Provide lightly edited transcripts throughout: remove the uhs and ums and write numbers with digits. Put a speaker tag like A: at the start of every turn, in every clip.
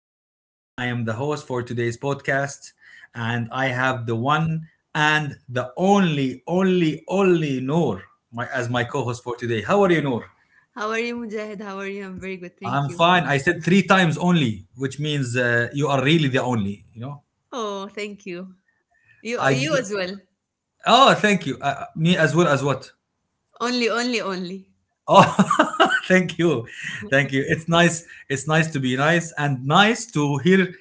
A: Mujahid, and I am the host for today's podcast. And I have the one and the only, only, only Noor as my co host for today. How are you, Noor?
B: How are you, Mujahid? How are you? I'm very good, thank
A: I'm
B: you.
A: fine. I said three times only, which means you are really the only, you know?
B: Oh, thank you. You,
A: I.
B: you
A: D-
B: as well.
A: oh, thank you. Me as well as what?
B: Only, only, only.
A: Oh, thank you. Thank you. It's nice. It's nice to be nice and nice to hear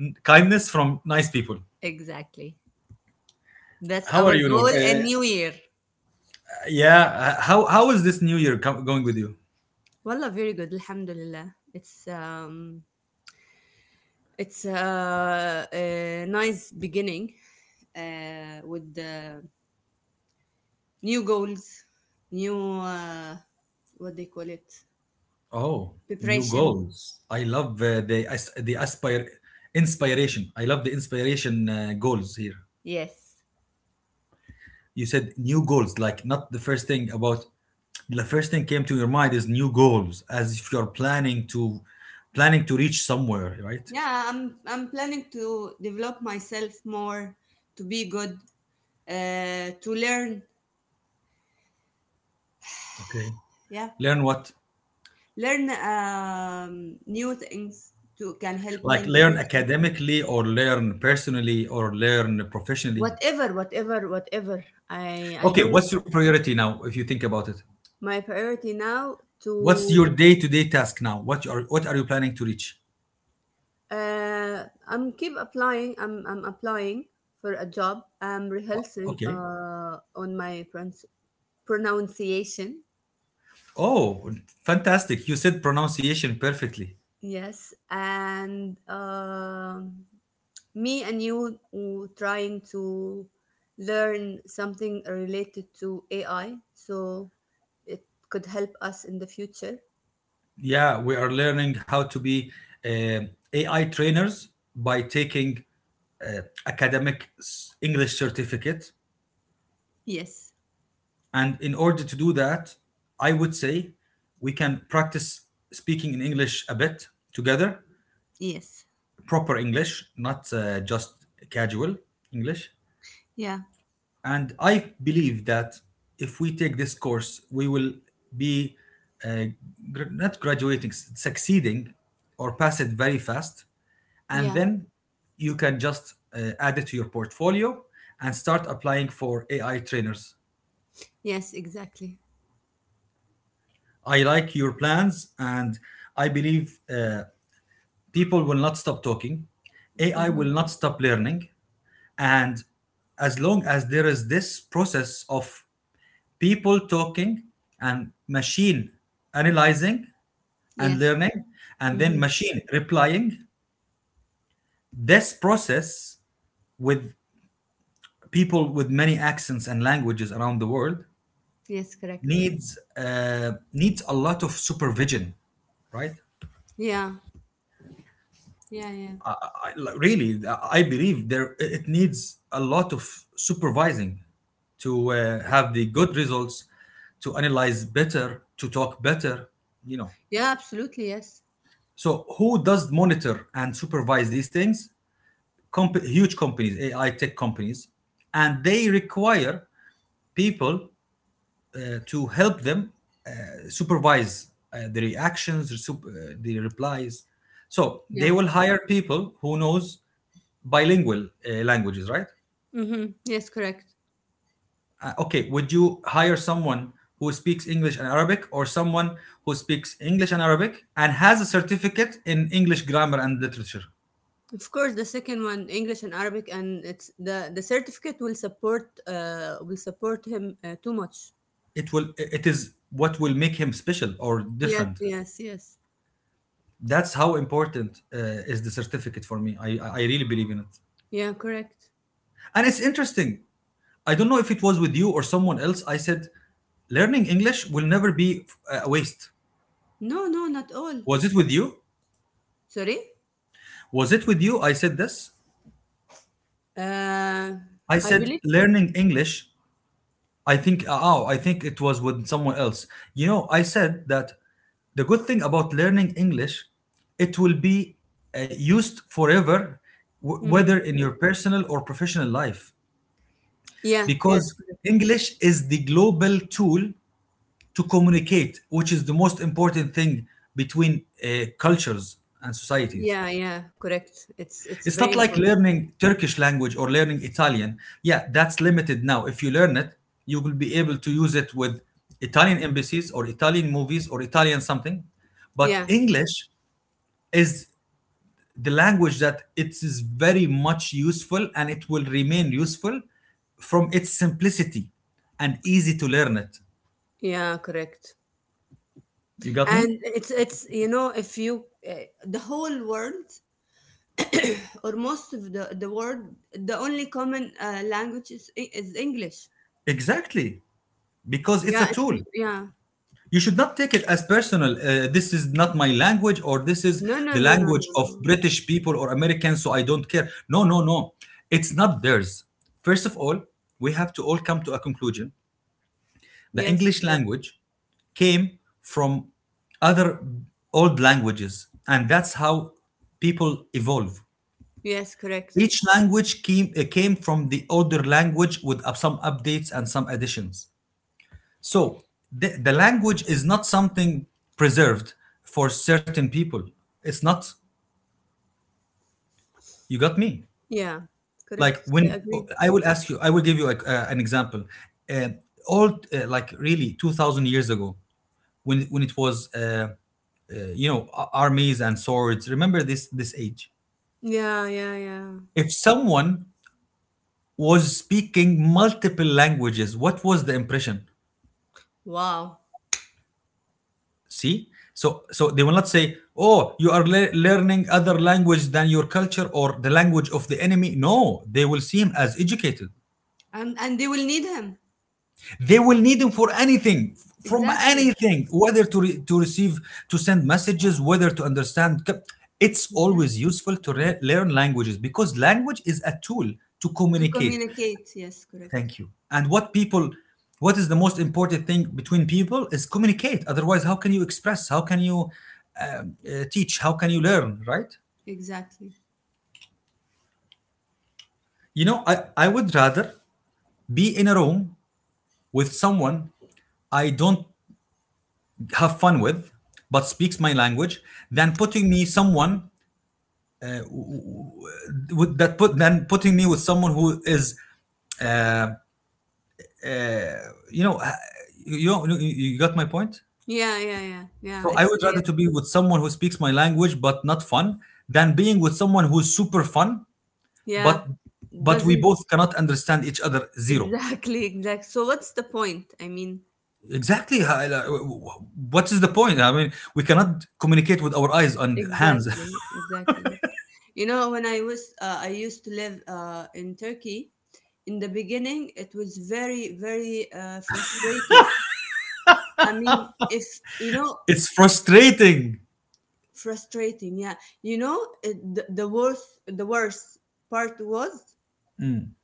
A: kindness from nice people.
B: Exactly. That's
A: How are
B: our
A: you, Noor?
B: goal and
A: Uh,
B: New Year.
A: yeah. uh, How how is this new year going with you?
B: Wallah, very good. Alhamdulillah. It's it's a nice beginning with the new goals, new what they call it,
A: Oh, new
B: preparation.
A: goals. I love the aspire inspiration. I love the inspiration goals here.
B: Yes.
A: You said new goals, like not the first thing came to your mind is new goals, as if you're planning to reach somewhere, right?
B: Yeah, I'm planning to develop myself more, to be good, to learn,
A: Okay.
B: yeah,
A: Learn what?
B: learn new things to can help me
A: Like
B: in the
A: learn
B: future.
A: academically or learn personally or learn professionally.
B: Whatever, I
A: Okay,
B: don't.
A: what's your priority now if you think about it?
B: My priority now
A: What's
B: to,
A: your day-to-day task now? What are you planning to reach?
B: I'm keep applying, I'm applying for a job. I'm rehearsing
A: Okay.
B: on my pronunciation.
A: Oh, fantastic! You said pronunciation perfectly.
B: Yes. And um, me and you were trying to learn something related to AI so it could help us in the future.
A: Yeah, we are learning how to be um AI trainers by taking uh, academic English certificate,
B: Yes.
A: and in order to do that, I would say we can practice speaking in English a bit together,
B: Yes.
A: proper English, not just casual English.
B: Yeah.
A: And I believe that if we take this course, we will be uh, not graduating, succeeding or pass it very fast. And
B: Yeah.
A: then you can just add it to your portfolio and start applying for AI trainers.
B: Yes, exactly.
A: I like your plans, and I believe people will not stop talking. AI will
B: Hmm.
A: not stop learning. And as long as there is this process of people talking and machine analyzing and
B: Yes.
A: learning and then
B: Hmm.
A: machine replying this process with people with many accents and languages around the world
B: Yes, correct.
A: needs a lot of supervision, right?
B: Yeah. Yeah, yeah.
A: I, like, really I believe there it needs a lot of supervising to have the good results to analyze better to talk better you know
B: Yeah, absolutely. Yes.
A: So who does monitor and supervise these things? Huge companies, AI tech companies, and they require people to help them uh, supervise the reactions, the replies. So they
B: Yeah.
A: will hire people who knows bilingual languages, right?
B: Hmm. Yes, correct.
A: Okay, would you hire someone who speaks English and Arabic, or someone who speaks English and Arabic and has a certificate in English grammar and literature?
B: Of course, the second one, English and Arabic, and it's the certificate will support, will support him too much.
A: It is what will make him special or
B: Yeah.
A: different.
B: Yes. Yes.
A: That's how important is the certificate for me. I really believe in it.
B: Yeah, correct.
A: And it's interesting. I don't know if it was with you or someone else. I said learning English will never be a waste.
B: No, no, not all.
A: was it with you
B: Sorry?
A: was it with you I said this?
B: Uh,
A: I
B: I
A: said
B: believe.
A: learning English. I think it was with someone else. You know, I said that the good thing about learning English, it will be used forever, whether
B: Hmm.
A: in your personal or professional life,
B: Yeah, yes,
A: because
B: correct.
A: English is the global tool to communicate, which is the most important thing between cultures and societies.
B: Yeah, yeah, correct. It's
A: It's
B: very
A: not like
B: important.
A: learning Turkish language or learning Italian. Yeah, that's limited now. If you learn it, you will be able to use it with Italian embassies or Italian movies or Italian something. But
B: Yeah,
A: English is the language that it is very much useful and it will remain useful from its simplicity and easy to learn it.
B: yeah, correct.
A: You got me?
B: And it's, it's if you, the whole world or most of the world, the only common language is English.
A: Exactly. Because it's a
B: Yeah, it's,
A: tool.
B: yeah.
A: You should not take it as personal. This is not my language, or this is
B: No, no,
A: the
B: no, no, no,
A: language of
B: no.
A: British people or Americans, so I don't care. No, no, no. It's not theirs. First of all, we have to all come to a conclusion. The
B: Yes,
A: English
B: correct.
A: language came from other old languages, and that's how people evolve.
B: Yes, correct.
A: Each language came from the older language with some updates and some additions. So the language is not something preserved for certain people. It's not. You got me.
B: Yeah,
A: Like
B: correct. I
A: when
B: agree.
A: I will ask you, I will give you an example. Uh, all like really 2,000 years ago, when it was armies and swords. Remember this age.
B: Yeah, yeah, yeah.
A: If someone was speaking multiple languages, what was the impression?
B: Wow.
A: See, so they will not say, "Oh, you are learning other language than your culture or the language of the enemy." No, they will see him as educated.
B: And they will need him.
A: They will need him for anything, from
B: Exactly.
A: anything, whether to receive, to send messages, whether to understand. It's always
B: Exactly.
A: useful to learn languages because language is a tool to
B: To
A: communicate.
B: communicate. Yes, correct.
A: Thank you. And what is the most important thing between people is communicate. Otherwise, how can you express? How can you teach? How can you learn? Right?
B: Exactly.
A: You know, I would rather be in a room with someone I don't have fun with, but speaks my language, than putting me someone uh, with that put than putting me with someone who is, uh, uh, you know, uh, you got my point.
B: Yeah, yeah, yeah. Yeah.
A: So I
B: It's
A: would
B: yeah.
A: rather to be with someone who speaks my language but not fun than being with someone who's super fun but
B: Yeah.
A: we
B: Doesn't.
A: both cannot understand each other. Zero.
B: Exactly, exact. So what's the point? I mean,
A: Exactly. What is the point? I mean, we cannot communicate with our eyes and hands.
B: exactly, exactly. You know, when I was, I used to live in Turkey, in the beginning it was very frustrated. I mean, if you know.
A: It's frustrating.
B: Frustrating, yeah. You know it, the worst part was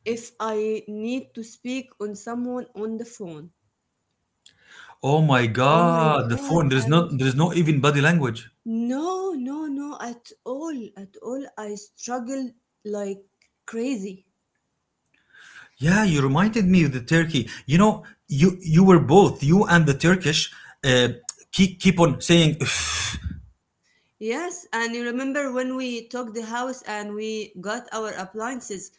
B: if I need to speak on someone on the phone.
A: Oh my
B: Oh my
A: God, the
B: god,
A: phone. There's
B: I was,
A: not. There's no even body language.
B: no, no, no, at all, at all. I struggled like crazy.
A: Yeah, you reminded me of the Turkey. You know, you you were both you and the Turkish uh, keep on saying.
B: Yes, and you remember when we took the house and we got our appliances.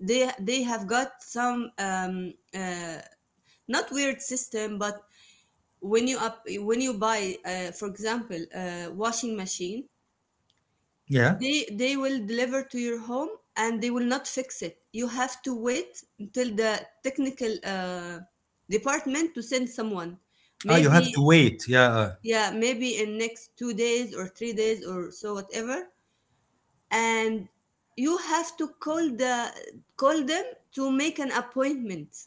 B: They have got some, not weird system, but when you up when you buy, for example, a washing machine,
A: Yeah.
B: they will deliver to your home, and they will not fix it. You have to wait until the technical department to send someone,
A: Ah, you
B: maybe,
A: have to wait. Yeah.
B: yeah, maybe in next 2 days or 3 days or so, whatever. And you have to call the, call them to make an appointment.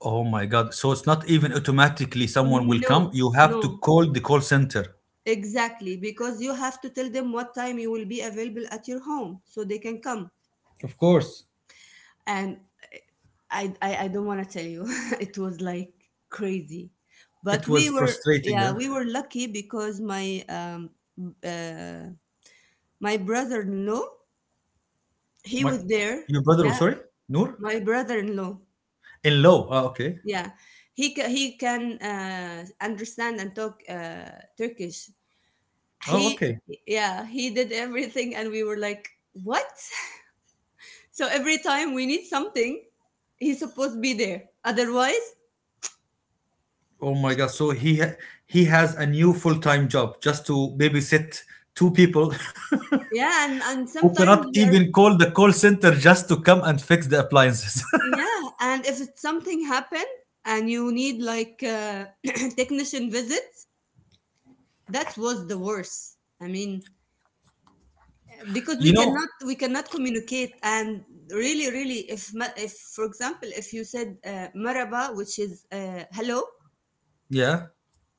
A: Oh my God. So it's not even automatically someone will
B: No,
A: come. You have
B: no.
A: to call the call center.
B: Exactly, because you have to tell them what time you will be available at your home so they can come.
A: Of course.
B: And eh, I don't want to tell you, it was like crazy. But
A: It
B: we
A: was
B: were,
A: frustrating.
B: yeah,
A: Yeah.
B: we were lucky because my uh, my brother-in-law, he
A: My,
B: was there.
A: your brother, was
B: Yeah,
A: sorry, Noor?
B: my brother-in-law.
A: In law. Ah, okay.
B: Yeah, he can understand and talk Turkish.
A: Oh,
B: He,
A: okay.
B: yeah, he did everything, and we were like, what? So every time we need something, he's supposed to be there. Otherwise,
A: Oh my God. So he has a new full-time job just to babysit two people
B: yeah, and
A: who cannot
B: sometimes we are,
A: even call the call center just to come and fix the appliances.
B: yeah, and if it's something happened and you need like, technician visits, that was the worst. I mean, because we
A: You know?
B: cannot we cannot communicate, and really, really, if if, for example, if you said maraba, which is, hello,
A: Yeah.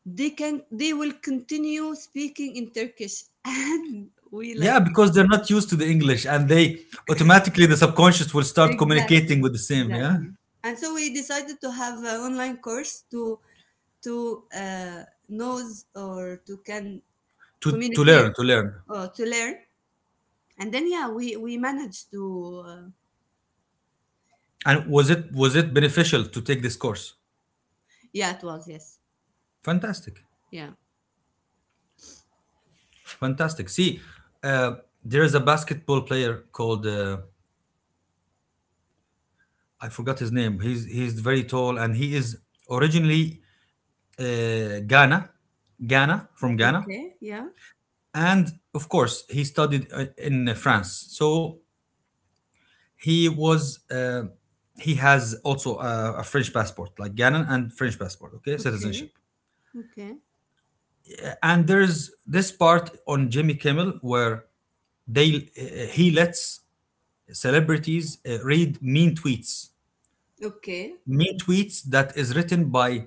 B: they can, they will continue speaking in Turkish, and we
A: Yeah,
B: like.
A: because they're not used to the English and they automatically the subconscious will start communicating
B: Exactly,
A: with the same, yeah?
B: exactly. And so we decided to have an online course to knows, or to can
A: To
B: communicate,
A: learn, to learn.
B: or to learn. And then, yeah, we managed to,
A: And was it beneficial to take this course?
B: yeah, it was, yes,
A: Fantastic.
B: yeah.
A: Fantastic. See, uh, there is a basketball player called I forgot his name. He's very tall and he is originally Ghana, Ghana from Ghana,
B: Okay, yeah,
A: and of course he studied in France. So he was uh, he has also a French passport, like Gannon and French passport, okay, citizenship.
B: okay, okay,
A: And there's this part on Jimmy Kimmel where they he lets celebrities read mean tweets,
B: okay.
A: that is written by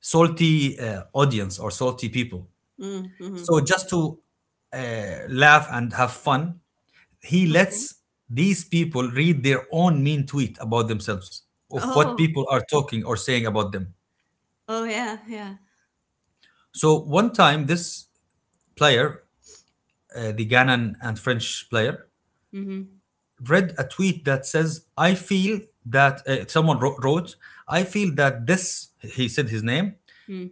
A: salty audience or salty people.
B: Mm-hmm.
A: So just to laugh and have fun, he
B: Okay.
A: lets these people read their own mean tweet about themselves of what
B: Oh,
A: people are talking or saying about them.
B: oh yeah, yeah.
A: So one time, this player, the Ghanaian and French player,
B: Mm-hmm.
A: read a tweet that says, "I feel that someone wrote, I feel that this," he said his name,
B: Mm.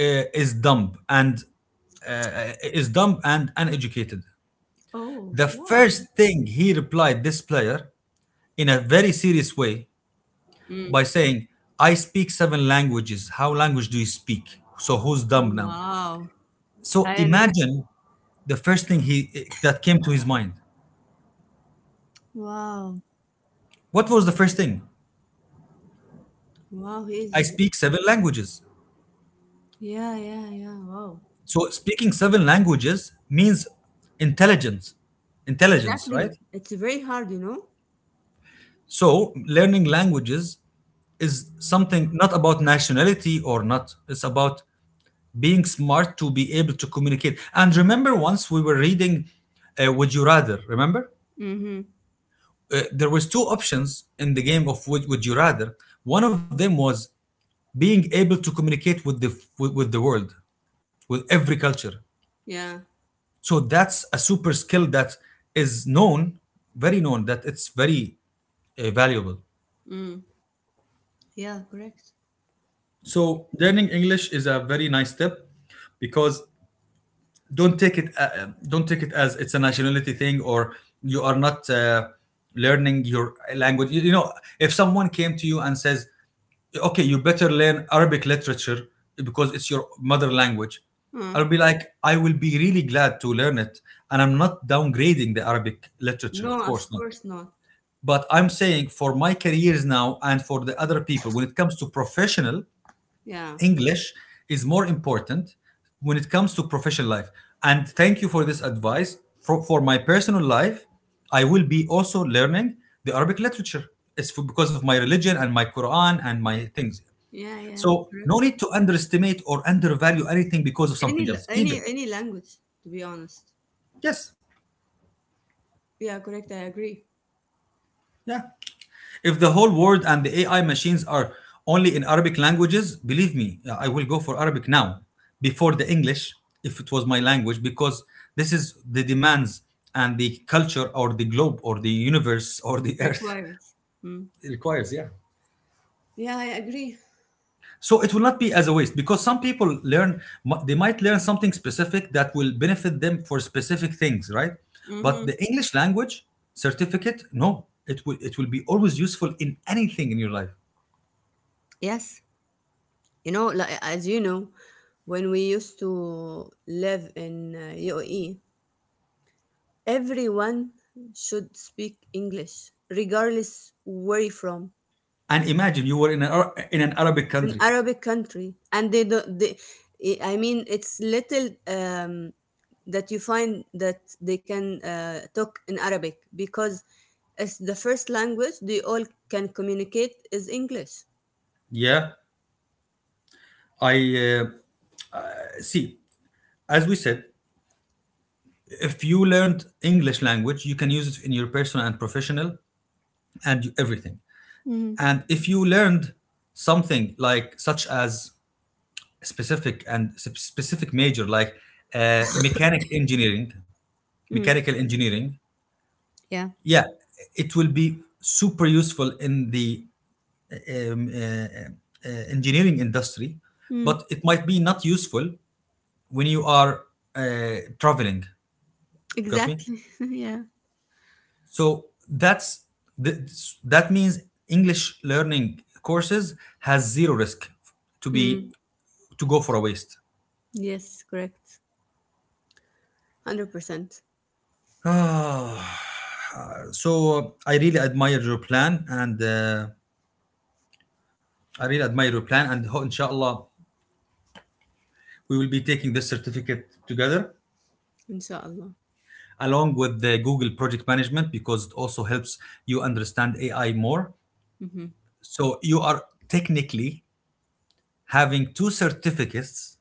A: "is dumb and uneducated."
B: Oh,
A: The
B: why?
A: first thing he replied, this player, in a very serious way,
B: Mm.
A: by saying, "I speak seven languages. How language do you speak? So who's dumb now?"
B: Wow.
A: So
B: I remember.
A: imagine the first thing he that came to his mind.
B: Wow.
A: What was the first thing?
B: Wow,
A: I
B: he's.
A: speak seven languages.
B: Yeah, yeah, yeah. Wow.
A: So speaking seven languages means intelligence. Intelligence, right?
B: Exactly. It's very hard, you know?
A: So learning languages is something not about nationality or not. It's about being smart to be able to communicate. And remember once we were reading Would You Rather, remember?
B: Mm-hmm.
A: There was two options in the game of Would You Rather. One of them was being able to communicate with with the world, with every culture.
B: Yeah.
A: So that's a super skill that is known very known that it's very valuable.
B: Mm. Yeah, correct.
A: So learning English is a very nice step because don't take it as it's a nationality thing or you are not learning your language. If someone came to you and says, "Okay, you better learn Arabic literature because it's your mother language,"
B: Uh,
A: I'll be like I will be really glad to learn it. And I'm not downgrading the Arabic literature, of
B: no,
A: course
B: of
A: not.
B: course not.
A: But I'm saying for my careers now and for the other people, when it comes to professional,
B: Yeah.
A: English is more important when it comes to professional life. And thank you for this advice. For my personal life, I will be also learning the Arabic literature. It's for, because of my religion and my Quran and my things.
B: Yeah, yeah,
A: So no
B: correct.
A: need to underestimate or undervalue anything because of something else. Even
B: Any language, to be honest.
A: yes,
B: Yeah, correct. I agree.
A: yeah. If the whole world and the AI machines are only in Arabic languages, believe me, yeah, I will go for Arabic now before the English if it was my language because this is the demands and the culture or the globe or the universe or the earth
B: Required. Mm.
A: requires. Yeah.
B: Yeah, I agree.
A: So it will not be as a waste because some people learn, they might learn something specific that will benefit them for specific things, right?
B: Mm-hmm.
A: But the English language certificate, no, it will be always useful in anything in your life.
B: Yes. You know, like, as you know, when we used to live in UAE, everyone should speak English, regardless where you're from.
A: And imagine you were in an Arabic
B: An
A: country.
B: Arabic country, and they don't. They, I mean, it's little, that you find that they can talk in Arabic because it's the first language. They all can communicate is English.
A: Yeah, I uh, see. As we said, if you learned English language, you can use it in your personal and professional and everything.
B: Mm,
A: And if you learned something like such as specific and specific major like mechanic engineering,
B: mm,
A: mechanical engineering,
B: yeah.
A: yeah, it will be super useful in the engineering industry,
B: Mm,
A: but it might be not useful when you are traveling. You got me?
B: exactly. yeah.
A: So that's that means English learning courses has zero risk to be
B: Mm,
A: to go for a waste.
B: yes, correct. 100 percent,
A: Ah, so I really admire your plan, and I really admire your plan, and ho- inshallah we will be taking this certificate together
B: inshallah.
A: along with the Google Project Management because it also helps you understand AI more.
B: Hmm.
A: So you are technically having two certificates.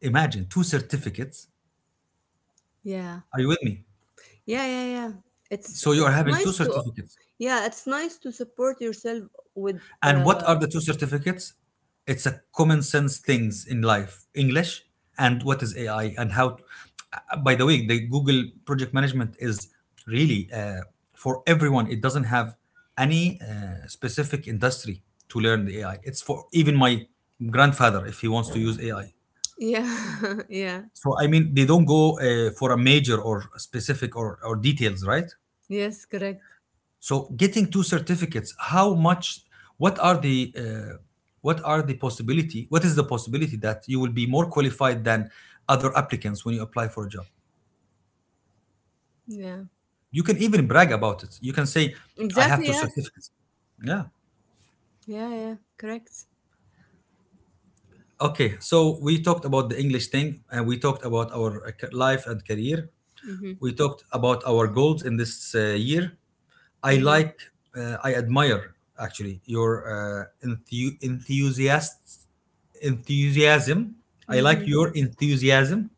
A: Imagine two certificates.
B: Yeah.
A: Are you with me?
B: Yeah, yeah, yeah.
A: So you are
B: It's
A: having two
B: nice to,
A: certificates.
B: yeah, it's nice to support yourself with,
A: And what
B: uh
A: are the two certificates? It's a common sense things in life, English and what is AI and how. By the way, the Google project management is really for everyone. It doesn't have any specific industry to learn the AI. It's for even my grandfather if he wants to use AI.
B: yeah, yeah.
A: So I mean, they don't go for a major or specific or details, right?
B: Yes, correct.
A: So getting two certificates, how much? What are the possibility? What is the possibility that you will be more qualified than other applicants when you apply for a job?
B: Yeah.
A: You can even brag about it. You can say, "I have
B: Exactly,
A: two
B: yes.
A: certificates." Yeah.
B: Yeah, yeah, correct.
A: Okay. So we talked about the English thing, and we talked about our life and career.
B: Mhm.
A: We talked about our goals in this year. I
B: Mhm.
A: like, I admire actually your uh, enthu- enthusiasm enthusiasm. I like
B: Mhm.
A: your enthusiasm.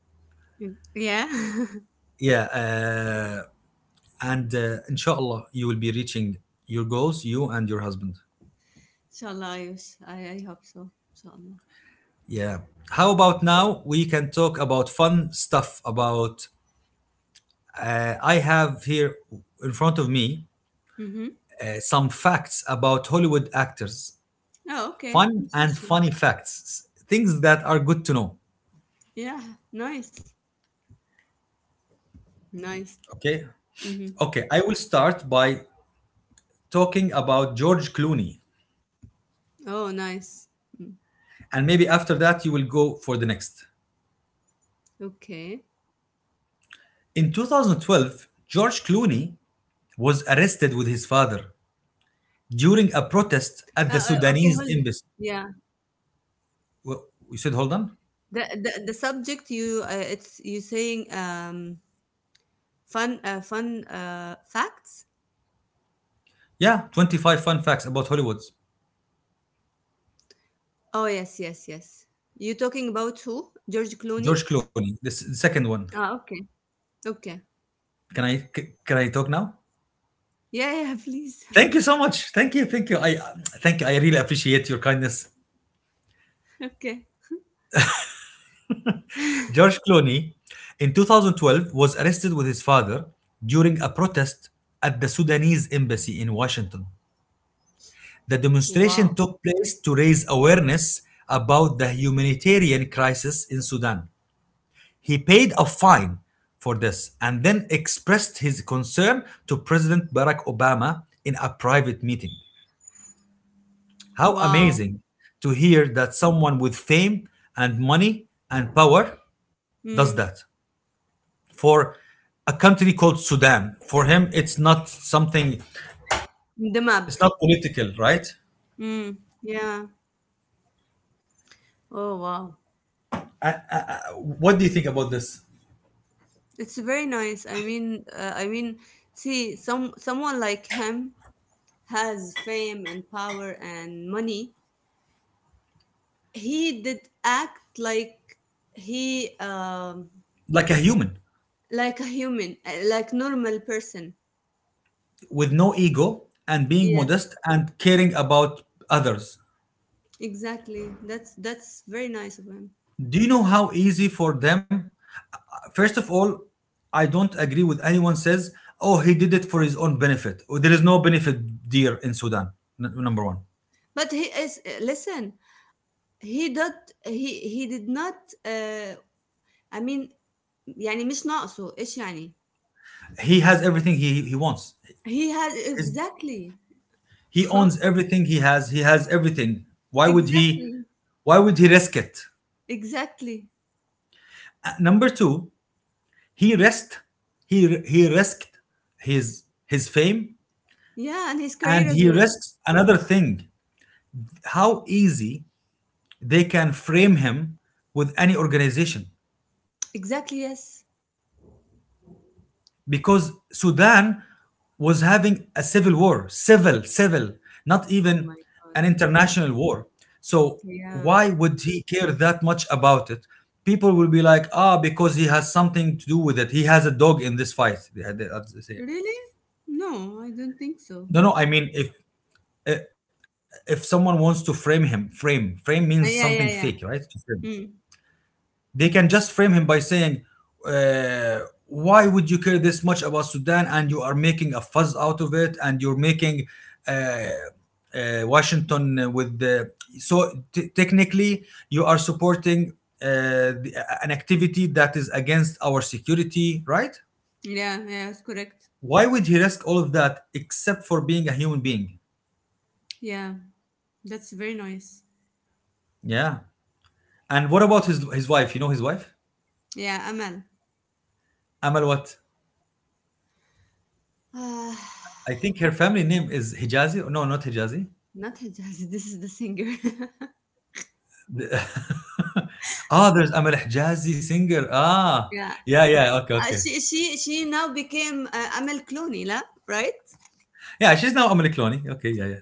B: Mm. Yeah.
A: Yeah, and inshallah, you will be reaching your goals, you and your husband.
B: Inshallah, yes. I hope so. Inshallah.
A: Yeah. How about now we can talk about fun stuff? About I have here in front of me
B: Mhm.
A: some facts about Hollywood actors,
B: Oh, okay.
A: fun and
B: Interesting.
A: funny facts, things that are good to know.
B: Yeah, nice. Nice.
A: Okay.
B: Mhm.
A: Okay. I will start by talking about George Clooney,
B: Oh, nice.
A: and maybe after that you will go for the next.
B: Okay.
A: In 2012, George Clooney was arrested with his father during a protest at the
B: Okay, hold
A: Sudanese
B: on.
A: embassy.
B: Yeah.
A: Well, you said hold on?
B: The subject you, it's you saying, fun, fun, facts.
A: Yeah, 25 fun facts about Hollywood.
B: Oh yes, yes, yes. You talking about who? George Clooney?
A: George Clooney, this the second one.
B: Ah, okay. Okay.
A: Can I can I talk now?
B: Yeah, yeah, please.
A: Thank you so much. Thank you. Thank you. I thank you. I really appreciate your kindness.
B: Okay.
A: George Clooney in 2012 was arrested with his father during a protest at the Sudanese embassy in Washington. The demonstration
B: Wow.
A: took place to raise awareness about the humanitarian crisis in Sudan. He paid a fine for this and then expressed his concern to President Barack Obama in a private meeting. How
B: Wow.
A: amazing to hear that someone with fame and money and power does
B: Mm.
A: that for a country called Sudan. For him, it's not something,
B: The map.
A: it's not political, right?
B: Mm. Yeah. Oh wow.
A: What do you think about this?
B: It's very nice. I mean, I mean see, some someone like him has fame and power and money, he did act like, he
A: Like a human.
B: like a human, like normal person.
A: With no ego and being
B: Yes,
A: modest and caring about others.
B: exactly. That's very nice of him.
A: Do you know how easy for them? First of all, I don't agree with anyone says, "Oh, he did it for his own benefit." Oh, there is no benefit, dear, in Sudan. Number one,
B: But he is, listen, he did, he did not, uh, I mean يعني مش ناقصه ايش يعني.
A: he has everything he wants.
B: He had,
A: His,
B: exactly.
A: he owns everything he has. He has everything. Why would he?
B: Exactly.
A: Why would he risk it?
B: Exactly.
A: Number two, he risked he risked his fame,
B: Yeah, and his
A: and
B: career as
A: he
B: well.
A: risks another thing. How easy they can frame him with any organization,
B: Exactly, yes.
A: because Sudan was having a civil war, civil, not
B: Oh my
A: even
B: god.
A: an international war. So
B: Yeah,
A: why would he care that much about it? People will be like, ah, because he has something to do with it, he has a dog in this fight. Had. That's what they say.
B: really? No, I don't think so.
A: No, no, I mean if eh, if someone wants to frame him, frame means something
B: Yeah,
A: fake,
B: yeah,
A: right?
B: yeah. Mm.
A: They can just frame him by saying, uh, "Why would you care this much about Sudan? And you are making a fuss out of it, and you're making uh, Washington with the." So technically, you are supporting uh, the, an activity that is against our security, right?
B: Yeah, yeah, it's correct.
A: Why would he risk all of that except for being a human being?
B: Yeah, that's very nice.
A: Yeah. And what about his wife? You know his wife?
B: Yeah, Amal.
A: Amal what?
B: Uh,
A: I think her family name is Hijazi. No, not Hijazi.
B: not Hijaz, this is the singer.
A: Ah, there's Amal Hijazi singer. Ah,
B: Yeah.
A: yeah, yeah. Okay, okay.
B: She she now became, Amal Clooney, la? Right?
A: Yeah, she's now Amal Clooney. Okay, yeah, yeah.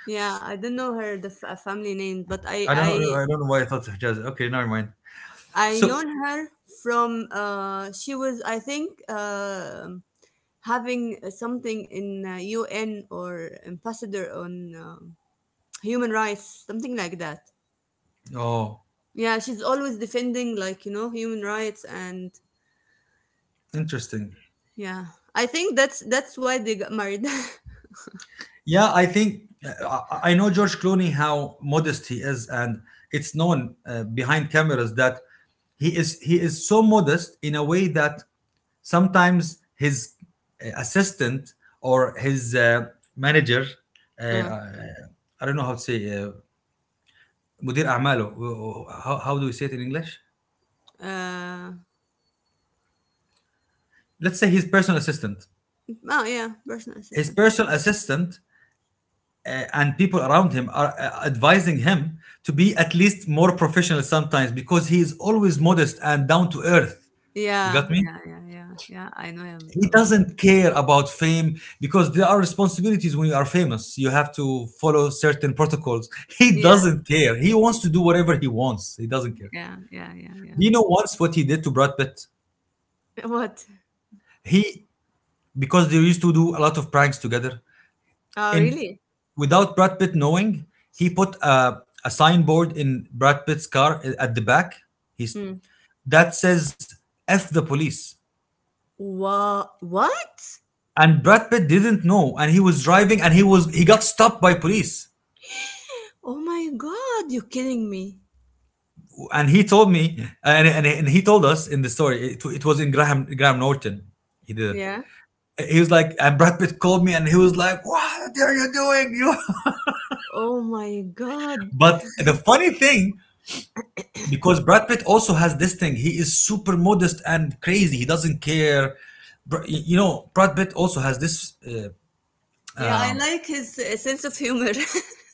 B: Yeah, I don't know her the family name, but I
A: I don't know.
B: I
A: I don't know why I thought Hijazi. Okay, never mind.
B: I
A: So,
B: known her from, she was, I think, having something in, UN or ambassador on, human rights, something like that.
A: oh,
B: Yeah, she's always defending, like, you know, human rights. And
A: interesting.
B: yeah, I think that's why they got married.
A: Yeah, I think I know George Clooney how modest he is, and it's known behind cameras that he is so modest in a way that sometimes his assistant or his manager, uh,
B: uh,
A: I I don't know how to say. Uh, مدير اعماله, how do we say it in English?
B: uh
A: Let's say his personal assistant.
B: oh yeah, personal
A: His
B: assistant.
A: personal assistant and people around him are advising him to be at least more professional sometimes, because he is always modest and down to earth. You got
B: yeah
A: me?
B: yeah yeah yeah yeah I know him
A: He
B: about.
A: doesn't care about fame because there are responsibilities. When you are famous, you have to follow certain protocols. He
B: yeah
A: doesn't care. He wants to do whatever he wants. He doesn't care.
B: yeah yeah yeah
A: Do
B: yeah
A: you know once what he did to Brad Pitt?
B: What?
A: He, because they used to do a lot of pranks together
B: Oh
A: in,
B: really?
A: without Brad Pitt knowing, he put a signboard in Brad Pitt's car eh, at the back. He's
B: Mm.
A: that says F the police.
B: What, what?
A: And Brad Pitt didn't know, and he was driving, and he got stopped by police.
B: Oh my god, you're kidding me.
A: And he told me, and he told us in the story, it was in Graham Norton. He did it.
B: Yeah.
A: Eh, he was like, and Brad Pitt called me, and he was like, "What are you doing?" You.
B: Oh my god.
A: But the funny thing, because Brad Pitt also has this thing. He is super modest and crazy. He doesn't care. You know, Brad Pitt also has this
B: Yeah, I
A: um,
B: like his, sense of humor.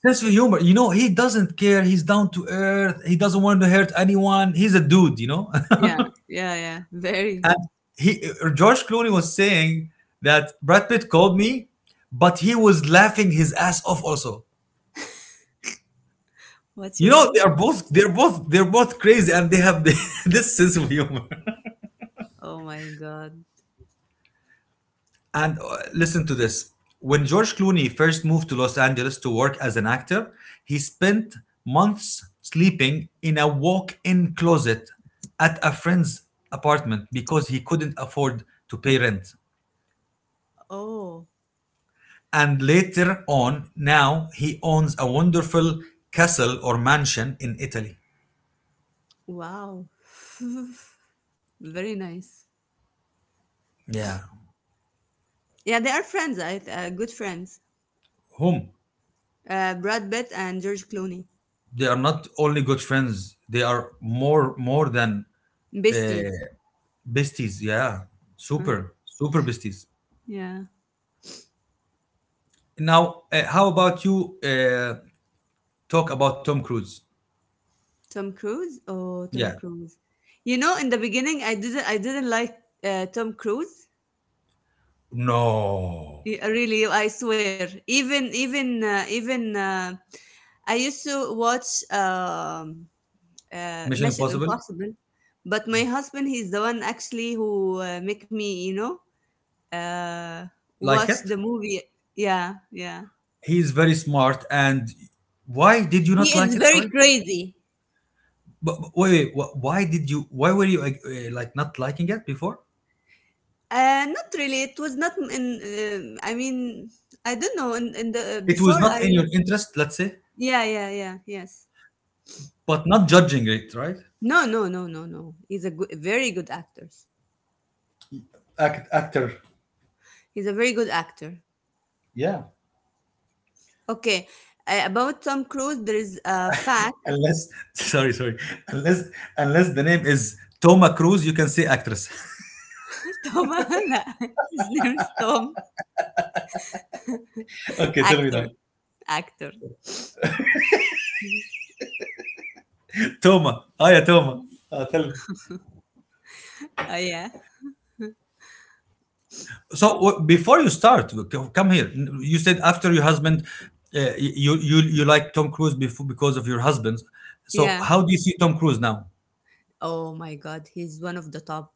A: sense of humor. You know, he doesn't care. He's down to earth. He doesn't want to hurt anyone. He's a dude. You know,
B: Yeah. Yeah, yeah, very.
A: he George Clooney was saying that Brad Pitt called me, but he was laughing his ass off. Also,
B: What's your
A: you know, they
B: language?
A: are both, they're both crazy, and they have the, this sense of humor.
B: Oh my god.
A: And listen to this. When George Clooney first moved to Los Angeles to work as an actor, he spent months sleeping in a walk in closet at a friend's apartment because he couldn't afford to pay rent.
B: Oh,
A: And later on, now he owns a wonderful castle or mansion in Italy.
B: wow. Very nice.
A: Yeah.
B: Yeah, they are friends, I, uh, good friends.
A: Whom?
B: Brad Pitt and George Clooney.
A: They are not only good friends, they are more, more than uh,
B: Besties.
A: besties. Yeah. Super, super besties.
B: Yeah.
A: Now, how about you talk about Tom Cruise?
B: Tom Cruise? Oh, Tom
A: Yeah.
B: Cruise. You know, in the beginning, I didn't like, Tom Cruise.
A: No.
B: Really, I swear. Even, even, even. I used to watch,
A: Mission
B: Mission
A: Impossible?
B: Impossible, but my husband, he's the one actually who, make me, you know, uh,
A: Like
B: watch
A: it?
B: the movie. Yeah, yeah.
A: He is very smart. And why did you
B: He
A: not like
B: is
A: it?
B: very
A: Sorry.
B: crazy.
A: But wait, wait, why did you, why were you like not liking it before?
B: Uh, not really. It was not in, I mean I don't know, in the,
A: It was
B: before
A: not in
B: I,
A: your interest, let's say,
B: yeah, yeah, yeah, yes.
A: but not judging it, right?
B: No, no, no, no, no, he's a good, very good actor.
A: Act, actor.
B: He's a very good actor.
A: Yeah.
B: Okay. Uh, about Tom Cruise there is a fact.
A: Unless, sorry, sorry. Unless, unless the name is Toma Cruise, you can say actress.
B: Tom. His name is Tom.
A: Okay, tell me now.
B: Actor, actor.
A: Toma. Oh yeah, Toma. Tell him.
B: Oh yeah,
A: So before you start, come here. You said after your husband, uh, you you like Tom Cruise before because of your husband. So
B: yeah.
A: how do you see Tom Cruise now?
B: Oh my God, he's one of the top.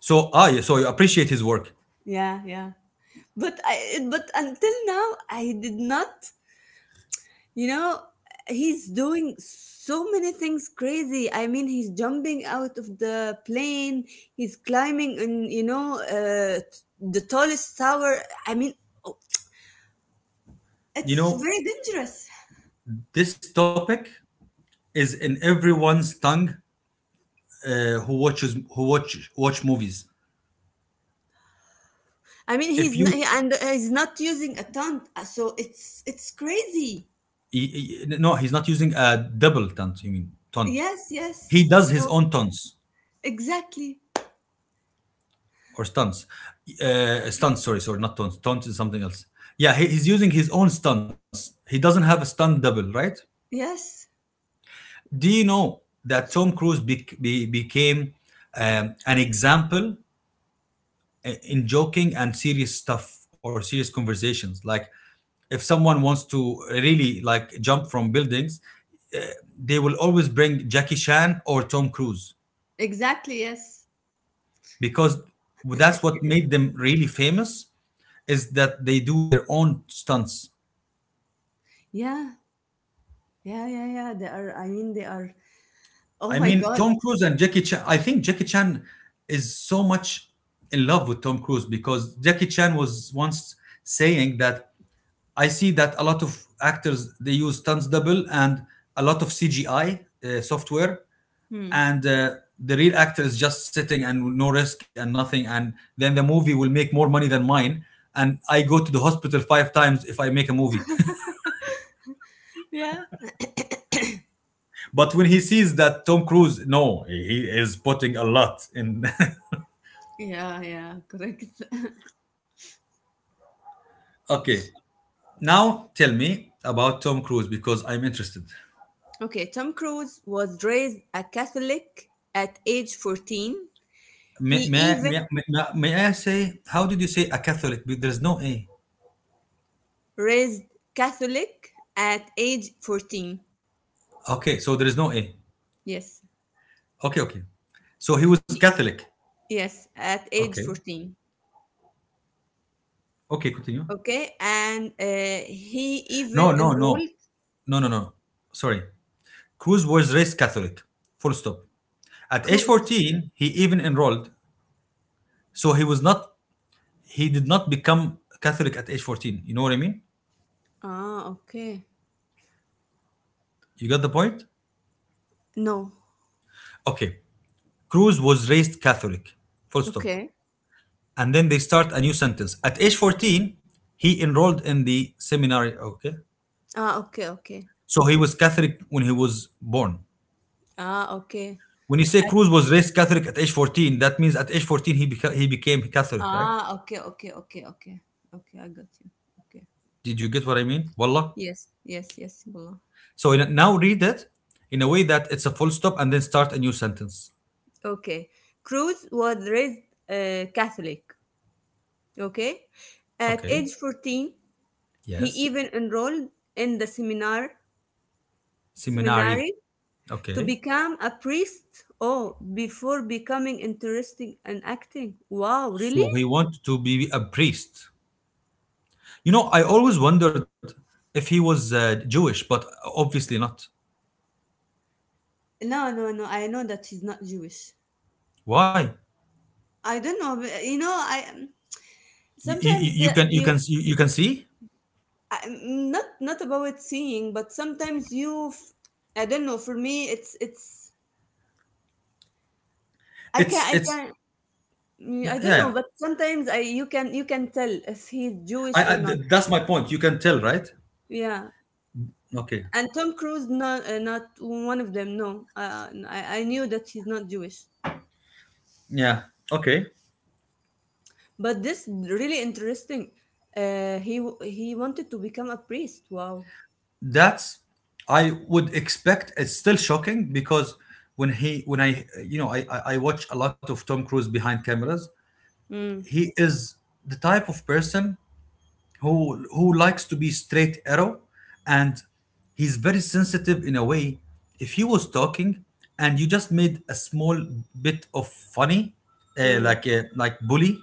A: So ah yeah, so you appreciate his work.
B: Yeah, yeah. But I, but until now, I did not. You know, he's doing so many things crazy. I mean, he's jumping out of the plane. He's climbing in, you know, the tallest tower. I mean, oh,
A: You
B: it's
A: know
B: very dangerous.
A: this topic is in everyone's tongue who watches who watch movies.
B: I mean,
A: If you
B: he's not using a ton, so it's crazy.
A: no, he's not using a double taunt. You mean taunt?
B: Yes,
A: He
B: yes,
A: does his
B: so,
A: own taunts.
B: exactly.
A: Or stunts. Stunts, sorry, sorry, not taunts. Taunts is something else. Yeah, he's using his own stunts. He doesn't have a stunt double, right?
B: Yes,
A: Do you know that Tom Cruise became an example in joking and serious stuff or serious conversations? Like, if someone wants to really like jump from buildings, they will always bring Jackie Chan or Tom Cruise
B: exactly. Yes.
A: because that's what made them really famous is that they do their own stunts.
B: Yeah. Yeah. Yeah. Yeah. They are, I mean, they are, oh
A: I
B: my
A: mean,
B: God.
A: Tom Cruise and Jackie Chan. I think Jackie Chan is so much in love with Tom Cruise because Jackie Chan was once saying that I see that a lot of actors they use stunts double and a lot of CGI software,
B: Hmm.
A: and the real actor is just sitting and no risk and nothing, and then the movie will make more money than mine. And I go to the hospital five times if I make a movie.
B: Yeah.
A: But when he sees that Tom Cruise, no, he is putting a lot in.
B: Yeah. Yeah. Correct.
A: Okay, now tell me about Tom Cruise because I'm interested.
B: Okay. Tom Cruise was raised a Catholic at age 14. He
A: May, may, may,
B: even
A: may, may I say, how did you say a Catholic? But there's no A.
B: raised Catholic at age 14.
A: Okay, so there is no A.
B: Yes.
A: Okay, okay. So he was
B: He-
A: Catholic.
B: Yes. At
A: Okay,
B: age 14.
A: okay, continue.
B: Okay. And he even
A: No, no, no,
B: enrolled.
A: no. Sorry. Cruz was raised Catholic. Full stop. At age
B: Cruise.
A: 14, he even enrolled. So he was not, he did not become Catholic at age 14. You know what I mean?
B: Ah, okay.
A: You got the point?
B: No.
A: Okay. Cruz was raised Catholic. Full stop.
B: Okay.
A: And then they start a new sentence. At age 14, he enrolled in the seminary. Okay.
B: Ah, okay, okay.
A: So he was Catholic when he was born.
B: Ah, okay.
A: When you say
B: I,
A: Cruz was raised Catholic at age 14, that means at age 14 he he became Catholic, right?
B: ah, okay, okay, okay, okay. Okay, I got you. Okay.
A: Did you get what I mean? Wallah.
B: Yes, yes, yes, Mullah.
A: So in, now read it in a way that it's a full stop and then start a new sentence.
B: Okay. Cruz was raised, Catholic. Okay. At
A: Okay.
B: age 14, he
A: Yes.
B: even enrolled in the
A: Seminary.
B: seminary, to
A: Okay.
B: become a priest. Oh, before becoming interested in acting. Wow,
A: So
B: really?
A: he wanted to be a priest. You know, I always wondered if he was Jewish, but obviously not.
B: No, no, no. I know that she's not Jewish.
A: Why?
B: I don't know. But, you know, I
A: you, you,
B: sometimes,
A: you can
B: you
A: you can see
B: not not about seeing, but sometimes you I don't know, for me it's, i can
A: it's
B: i can mm,
A: yeah,
B: I don't know,
A: yeah.
B: but sometimes I you can, you can tell if he's Jewish
A: I,
B: or
A: I
B: not.
A: th- that's my point, you can tell, right?
B: Yeah.
A: Okay,
B: And Tom Cruise, not, not one of them, no, I knew that he's not Jewish,
A: yeah. Okay,
B: but this really interesting. Uh, he wanted to become a priest. Wow.
A: that's, I would expect, it's still shocking because when I you know, I watch a lot of Tom Cruise behind cameras.
B: Mm,
A: He is the type of person who likes to be straight arrow, and he's very sensitive in a way. If he was talking and you just made a small bit of funny
B: mm,
A: like a, like bully,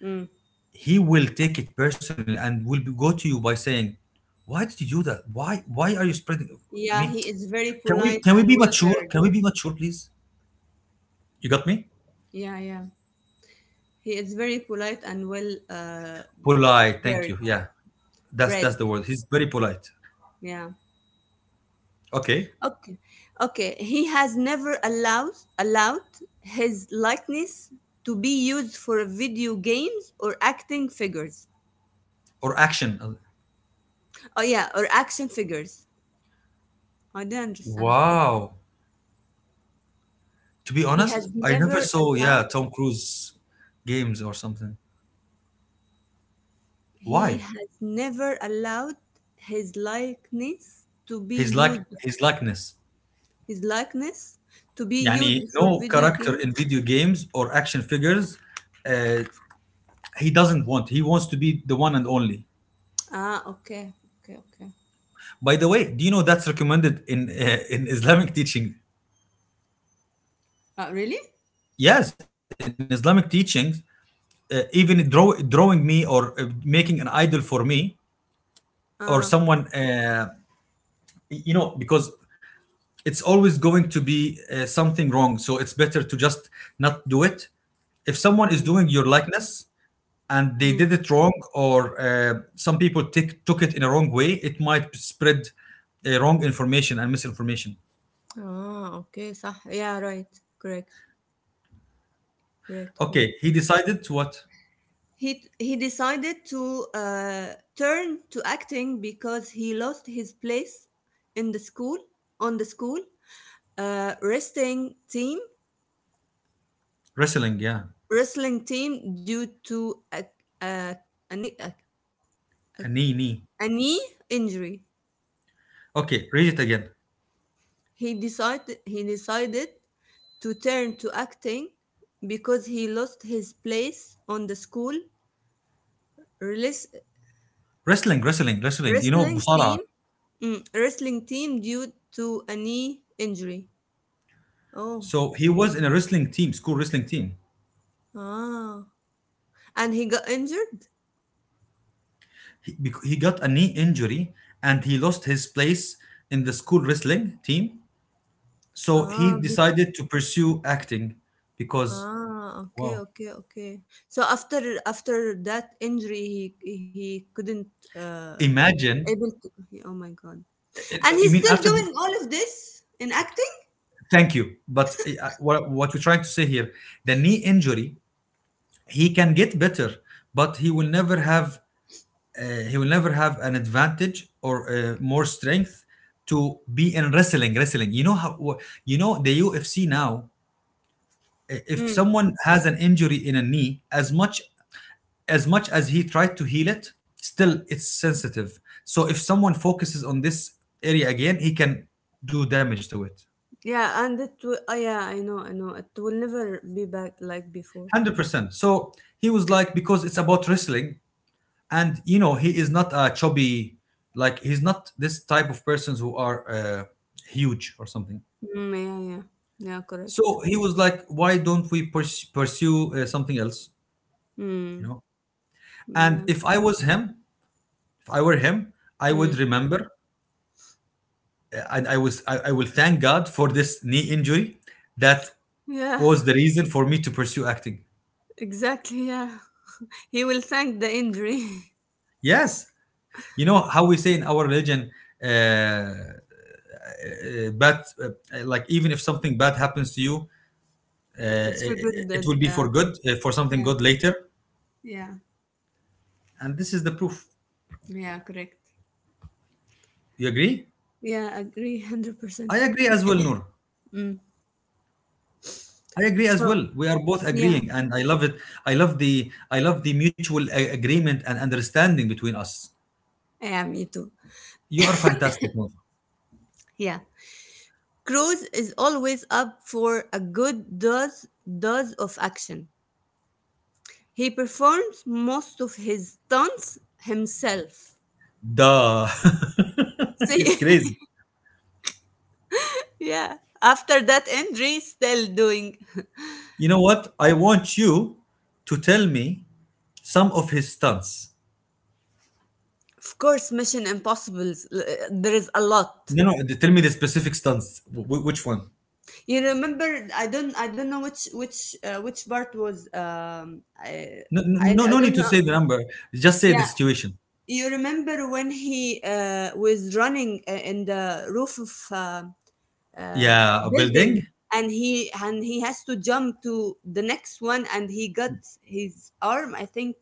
B: mm.
A: he will take it personally and will go to you by saying, why did you do that, why are you spreading. I
B: Yeah,
A: mean,
B: he is very polite
A: can we
B: and
A: be mature, can
B: well-versed.
A: we be mature please? You got me.
B: Yeah, yeah. He is very polite and well
A: Polite, thank you,
B: bred.
A: yeah. That's
B: Bred,
A: the word, he's very polite.
B: yeah.
A: Okay.
B: Okay, okay. He has never allowed his likeness to be used for video games or acting figures.
A: Or action.
B: Oh yeah, or action figures. I don't understand.
A: Wow. To be
B: He
A: honest,
B: has
A: I never
B: never
A: saw yeah
B: allowed.
A: Tom Cruise games or something.
B: He
A: Why?
B: has never allowed his likeness to be
A: His like,
B: used.
A: his likeness.
B: His likeness to be
A: Yani
B: used for
A: no
B: video
A: character
B: game.
A: in video games or action figures. Uh, he doesn't want. He wants to be the one and only.
B: Ah, okay, okay, okay.
A: By the way, do you know that's recommended in Islamic teaching?
B: Really?
A: Yes, in Islamic teachings, even drawing me or making an idol for me or
B: Ah,
A: someone, you know, because it's always going to be something wrong. So it's better to just not do it. If someone is
B: mm.
A: doing your likeness and they
B: Mm.
A: did it wrong, or some people took it in a wrong way, it might spread wrong information and misinformation.
B: Ah, okay. صح. Yeah, right. Correct. Correct.
A: Okay,
B: Correct.
A: he decided to what?
B: He decided to turn to acting because he lost his place in the school on the school uh, wrestling team
A: Wrestling, yeah.
B: wrestling team due to a, a, knee- a,
A: A
B: a,
A: knee, knee.
B: a knee injury.
A: Okay, read it again.
B: He decided to turn to acting because he lost his place on the school Relis-
A: Wrestling, wrestling, wrestling. You know,
B: wrestling
A: Musara.
B: team, wrestling team due to a knee injury. Oh,
A: So he was in a wrestling team, school wrestling team.
B: ah, and he got injured.
A: He he got a knee injury and he lost his place in the school wrestling team. So
B: Ah,
A: he decided to pursue acting because.
B: ah, okay,
A: Wow.
B: okay, okay. So after that injury, he couldn't uh
A: Imagine.
B: able to. Oh my God! And he's
A: You mean
B: still
A: after.
B: doing all of this in acting.
A: Thank you, but what we're trying to say here, the knee injury, he can get better but he will never have he will never have an advantage or more strength to be in wrestling wrestling, you know how you know the UFC now, if
B: Mm.
A: someone has an injury in a knee, as much as much as he tried to heal it, still it's sensitive. So if someone focuses on this area again, he can do damage to it.
B: Yeah, and it will. Oh, yeah, I know, I know. It will never be back like before.
A: 100% so he was like, because it's about wrestling, and you know he is not a chubby, like he's not this type of persons who are huge or something.
B: Mm, yeah, yeah, yeah. Correct.
A: So he was like, why don't we pursue something else, you
B: Mm.
A: know? And
B: Yeah.
A: if I was him, if I were him, I would
B: Mm.
A: remember. And I will thank God for this knee injury that
B: Yeah.
A: was the reason for me to pursue acting.
B: Exactly. Yeah. He will thank the injury.
A: Yes, you know how we say in our religion, uh, uh, bad like even if something bad happens to you, uh,
B: It's for
A: it,
B: good
A: it
B: that.
A: will be for good for something
B: Yeah.
A: good later,
B: Yeah.
A: and this is the proof.
B: Yeah. Correct.
A: You agree?
B: Yeah. Agree. Hundred
A: I
B: percent.
A: agree as well, Noor.
B: Mm.
A: I agree as
B: So.
A: well. We are both
B: Yeah.
A: agreeing, and I love it. I love the, I love the mutual agreement and understanding between us.
B: Yeah. Me too.
A: You are fantastic, Noor.
B: Yeah. Cruz is always up for a good dose of action. He performs most of his stunts himself.
A: Duh.
B: See.
A: He's crazy.
B: Yeah. After that injury, still doing.
A: You know what? I want you to tell me some of his stunts.
B: Of course, Mission Impossibles. There is a lot.
A: No, no, tell me the specific stunts. Which one?
B: You remember? I don't. I don't know which part was.
A: No,
B: I
A: no,
B: I
A: no need
B: don't
A: to
B: know.
A: say the number. Just say the
B: Yeah,
A: situation.
B: you remember when he was running in the roof of
A: Yeah, a
B: building,
A: building.
B: and he has to jump to the next one, and he got his arm. I think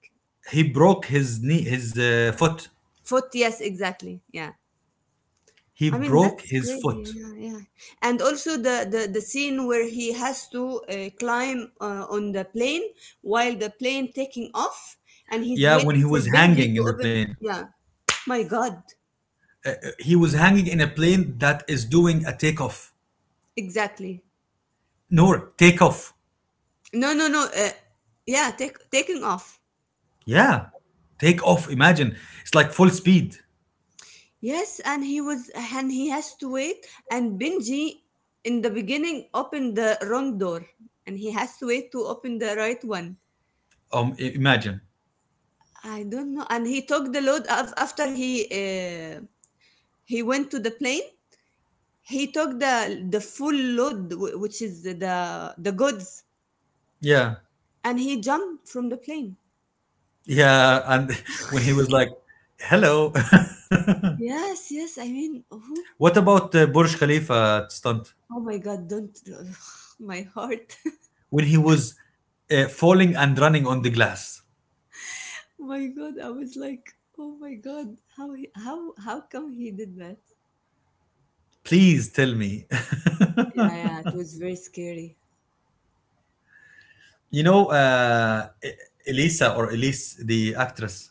A: He broke his knee, his foot.
B: foot. Yes, exactly. Yeah.
A: He
B: I mean,
A: broke
B: that's
A: his
B: crazy.
A: foot.
B: Yeah, yeah. And also the scene where he has to climb on the plane while the plane taking off and he's
A: Yeah, when he
B: waiting for
A: was
B: Benji
A: hanging
B: to
A: in the
B: open.
A: plane.
B: Yeah. My God.
A: He was hanging in a plane that is doing a takeoff.
B: Exactly.
A: No, takeoff.
B: No, no, no. Yeah, taking off.
A: Yeah, take off. Imagine it's like full speed.
B: Yes, and he was, and he has to wait. And Benji, in the beginning, opened the wrong door, and he has to wait to open the right one.
A: Imagine.
B: I don't know. And he took the load after he uh, he went to the plane. He took the full load, which is the goods,
A: Yeah,
B: and he jumped from the plane.
A: yeah. And when he was like, "Hello,"
B: Yes, yes. I mean, who?
A: what about Burj Khalifa stunt?
B: Oh my God! Don't my heart.
A: When he was falling and running on the glass.
B: My God! I was like, oh my God! How come he did that?
A: Please tell me.
B: Yeah, yeah. It was very scary.
A: You know, Elisa or Elise, the actress.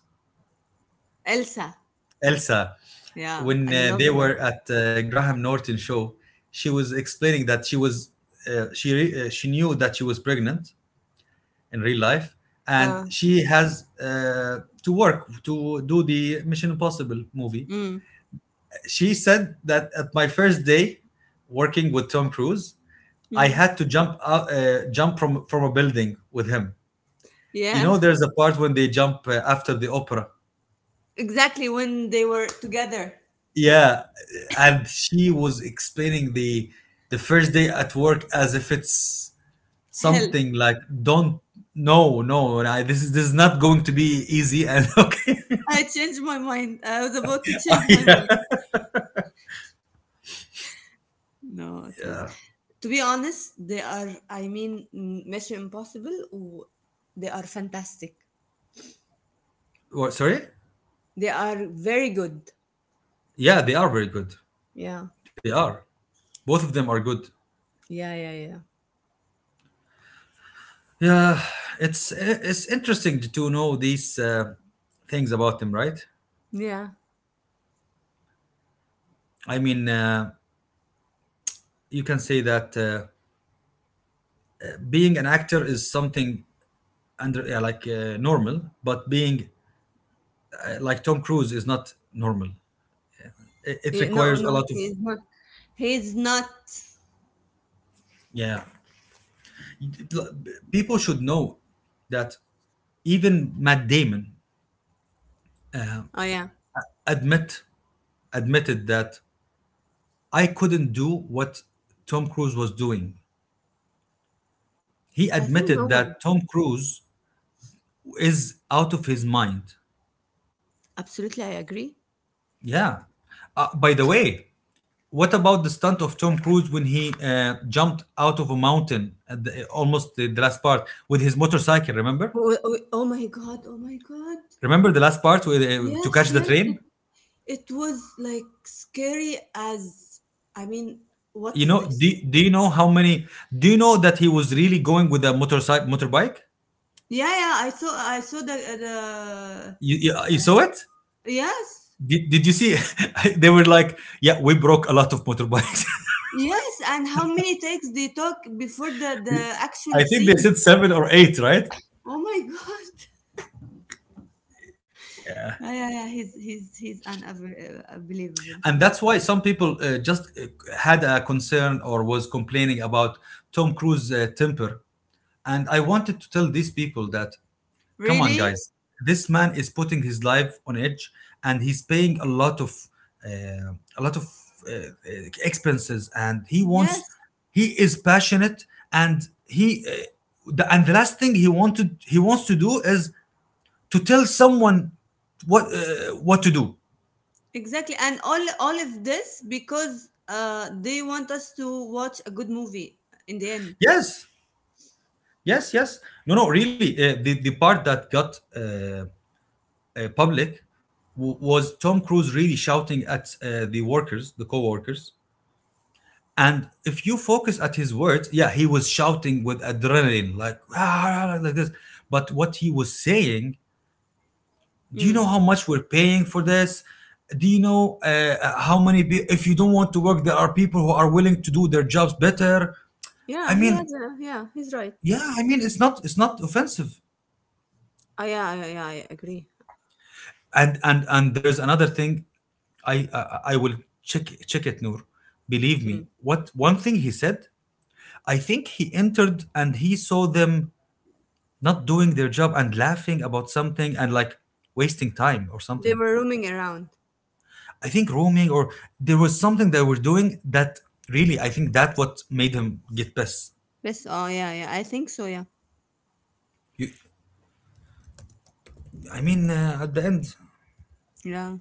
B: Elsa.
A: Elsa,
B: Yeah,
A: when
B: I love
A: they
B: her.
A: were at Graham Norton show, she was explaining that she knew that she was pregnant in real life, and
B: Uh,
A: she has to work to do the Mission Impossible movie.
B: mm,
A: She said that at my first day working with Tom Cruise, I
B: mm,
A: had to jump from a building with him. You
B: yeah,
A: know, there's a part when they jump after the opera.
B: exactly. When they were together,
A: Yeah, and she was explaining the first day at work as if it's
B: hell.
A: something like, don't, no no I, this is, this is not going to be easy, and okay.
B: I changed my mind. I was about to change my mind. No, it was. To be honest, they are. I mean, Mission Impossible. They are fantastic.
A: What, sorry?
B: They are very good.
A: Yeah, they are very good.
B: Yeah,
A: They are. Both of them are good.
B: yeah, yeah, yeah,
A: Yeah, it's interesting to know these things about them, right?
B: yeah.
A: I mean, you can say that being an actor is something under like normal, but being like Tom Cruise is not normal. It
B: No,
A: requires a
B: no,
A: lot of,
B: he is not. He is not.
A: yeah. People should know that even Matt Damon
B: Oh yeah,
A: admit admitted that I couldn't do what Tom Cruise was doing. He
B: I think no
A: admitted
B: one.
A: that Tom Cruise is out of his mind.
B: Absolutely, I agree.
A: Yeah. By the way, what about the stunt of Tom Cruise when he jumped out of a mountain at the, almost the last part with his motorcycle? Remember?
B: Oh, oh, oh, oh my God! Oh my God!
A: Remember the last part with, to
B: Yes,
A: catch the
B: yes. It
A: train?
B: it was like scary as. I mean, what
A: You
B: is
A: know?
B: this?
A: Do you know how many? Do you know that he was really going with a motorcycle motorbike?
B: Yeah, yeah, I saw the
A: You saw it?
B: yes.
A: Did you see? They were like, yeah, we broke a lot of motorbikes.
B: Yes, and how many takes they took before the actual
A: I think they
B: scene.
A: said seven or eight, right?
B: Oh my God. Yeah, yeah, yeah, he's unbelievable.
A: And that's why some people just had a concern or was complaining about Tom Cruise's temper. And I wanted to tell these people that, come on,
B: Really?
A: guys. This man is putting his life on edge, and he's paying a lot of uh, uh, expenses, and he wants.
B: Yes,
A: He is passionate, and the last thing he wants to do is to tell someone what to do.
B: exactly. And all of this because they want us to watch a good movie in the end.
A: Yes, yes, yes. No, no, really. The part that got public was Tom Cruise really shouting at the workers, the co-workers. And if you focus at his words, yeah, he was shouting with adrenaline, like "Ah, ah, ah," like this. But what he was saying, do you know
B: Mm.
A: how much we're paying for this? Do you know how many? If you don't want to work, there are people who are willing to do their jobs better.
B: Yeah,
A: I
B: he has
A: mean,
B: a yeah, he's right.
A: yeah, I mean it's not, it's not offensive.
B: Oh yeah, yeah, yeah, I agree.
A: And there's another thing. I will check it, Noor. Believe
B: Mm.
A: me, what one thing he said, I think he entered and he saw them not doing their job and laughing about something and like wasting time or
B: They
A: something.
B: were roaming around.
A: I think roaming, or there was something they were doing that really, I think, that what made him get pissed.
B: Yes, oh yeah, yeah, I think so, yeah.
A: You, at the end,
B: Yeah.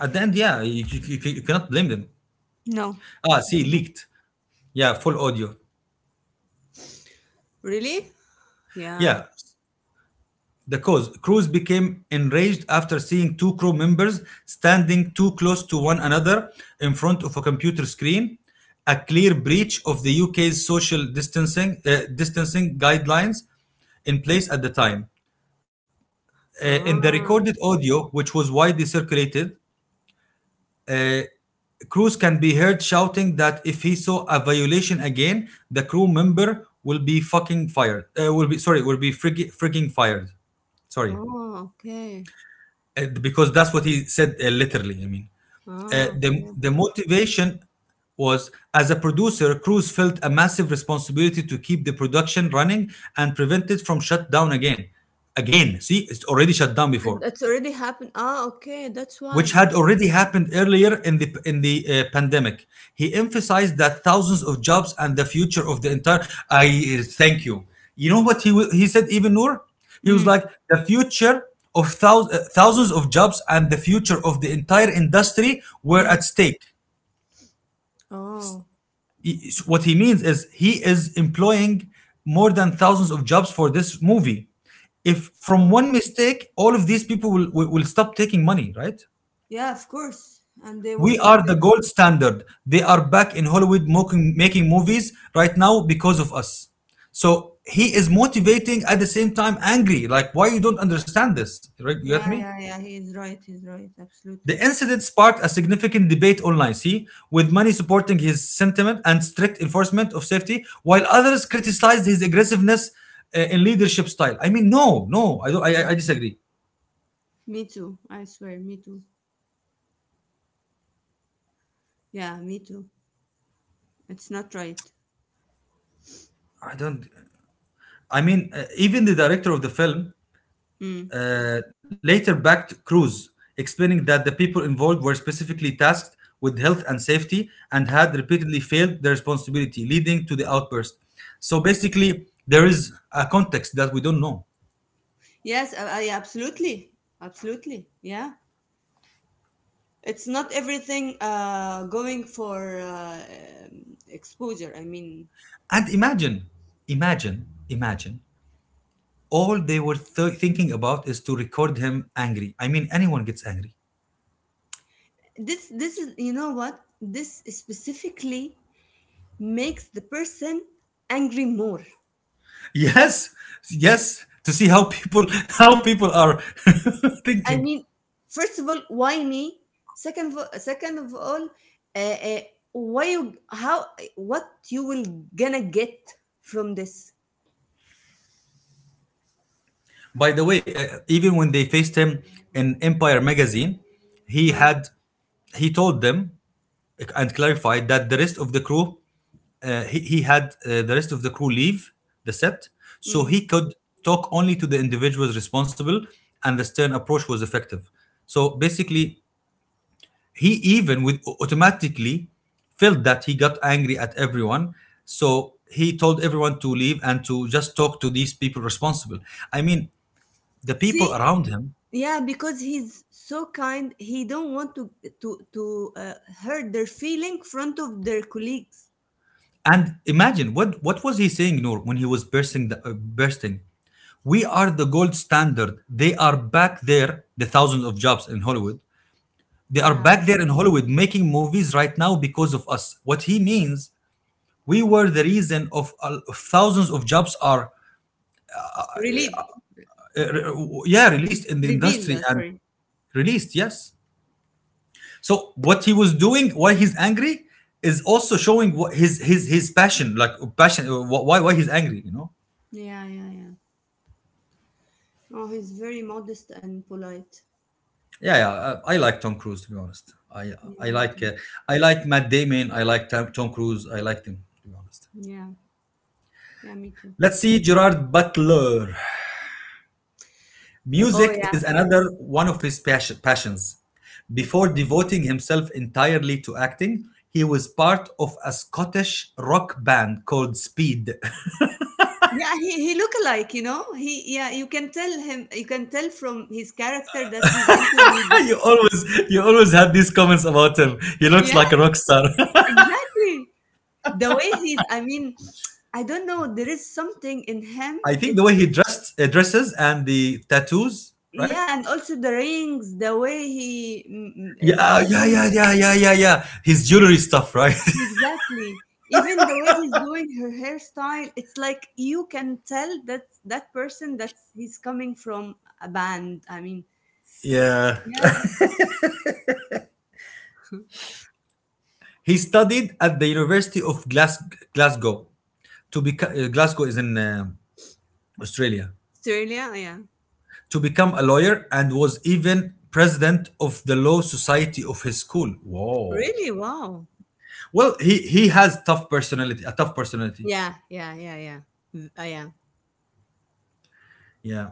A: at the end, yeah, you cannot blame them.
B: No.
A: Ah, see,
B: No.
A: leaked. Yeah, full audio.
B: Really? Yeah.
A: Yeah. The cause Cruz became enraged after seeing two crew members standing too close to one another in front of a computer screen, a clear breach of the UK's social distancing guidelines in place at the time. In the
B: Ah.
A: recorded audio, which was widely circulated, uh, Cruz can be heard shouting that if he saw a violation again, the crew member will be fucking fired. Will be sorry, will be freaking fired. Sorry.
B: Oh, okay.
A: Because that's what he said literally. I mean, uh,
B: Ah,
A: the
B: okay,
A: the
B: okay.
A: motivation was, as a producer, Cruz felt a massive responsibility to keep the production running and prevent it from shut down again. Again, see, it's already shut down
B: And
A: before,
B: that's already happened. Ah, okay. That's
A: which
B: why.
A: had already happened earlier in the pandemic. He emphasized that thousands of jobs and the future of the entire. I Thank you. You know what he said even more. He was
B: Mm,
A: like, the future of thousands of jobs and the future of the entire industry were
B: mm.
A: at stake.
B: Oh.
A: What he means is he is employing more than thousands of jobs for this movie. If from
B: Ah.
A: one mistake, all of these people will stop taking money, right?
B: Yeah, of course. And they
A: We
B: will.
A: are the gold standard. They are back in Hollywood making movies right now because of us. So he is motivating, at the same time angry. Like, why you don't understand this? Right? You
B: Yeah,
A: get
B: yeah,
A: me?
B: yeah. He is right. He's right. Absolutely.
A: The incident sparked a significant debate online, see, with many supporting his sentiment and strict enforcement of safety, while others criticized his aggressiveness in leadership style. I mean, I, don't, I,
B: My,
A: I I disagree.
B: me too. I swear. Me too. Yeah, me too. It's not right.
A: I don't. Even the director of the film
B: Mm.
A: later backed Cruz, explaining that the people involved were specifically tasked with health and safety and had repeatedly failed their responsibility, leading to the outburst. So basically, there is a context that we don't know.
B: Yes, I absolutely. Absolutely. Yeah. It's not everything going for exposure. I mean,
A: And imagine, all they were thinking about is to record him angry. I mean, anyone gets angry.
B: this is, you know what, this specifically makes the person angry more.
A: Yes, yes, to see how people how people are
B: I
A: thinking.
B: mean, first of all, why me? Second, second of all, uh, uh, why you? How? What you will gonna get from this?
A: By the way, even when they faced him in Empire magazine, he
B: Huh.
A: had he told them and clarified that the rest of the crew he had the rest of the crew leave the set so
B: Mm.
A: he could talk only to the individuals responsible, and the stern approach was effective. So basically, he even with automatically felt that he got angry at everyone, so he told everyone to leave and to just talk to these people responsible. I mean, the people
B: See,
A: around him.
B: yeah, because he's so kind, he don't want to to to uh, hurt their feeling front of their colleagues.
A: And imagine what was he saying, Noor, when he was bursting. We are the gold standard. They are back there, the thousands of jobs in Hollywood. They are
B: Yeah,
A: back there in Hollywood making movies right now because of us. What he means, we were the reason of thousands of jobs are
B: relieve,
A: yeah, released in the
B: revealed,
A: industry and
B: sorry.
A: released. Yes. So what he was doing, why he's angry, is also showing what his his passion, like passion, why he's angry. You know.
B: Yeah, yeah, yeah. Oh, he's very modest and polite.
A: Yeah, yeah. I like Tom Cruise, to be honest. I
B: Yeah,
A: I
B: me
A: like
B: too.
A: I like Matt Damon. I like Tom Cruise. I like him to be honest.
B: Yeah, yeah, me too.
A: Let's see Gerard Butler.
B: Oh
A: Music
B: yeah.
A: is another one of his passions. Before
B: Okay.
A: devoting himself entirely to acting, he was part of a Scottish rock band called Speed.
B: Yeah, he look alike, you know, he yeah, you can tell from his character that he's into music.
A: You always had these comments about him. He looks
B: Yeah,
A: like a rock star.
B: exactly. The way I mean, I don't know, there is something in him.
A: I think the
B: It's,
A: way he dressed dresses and the tattoos, right?
B: yeah, and also the rings, the way he, doing,
A: Yeah. His jewelry stuff, right?
B: exactly, even the way he's doing her hairstyle. It's like you can tell that that person that's he's coming from a band. I mean,
A: Yeah.
B: yeah,
A: He studied at the University of Glasgow. To become Glasgow is in Australia.
B: Australia, yeah,
A: To become a lawyer, and was even president of the law society of his school. Whoa!
B: really, wow,
A: Well, he has tough personality, a tough personality.
B: yeah, yeah, yeah, yeah, yeah,
A: Yeah.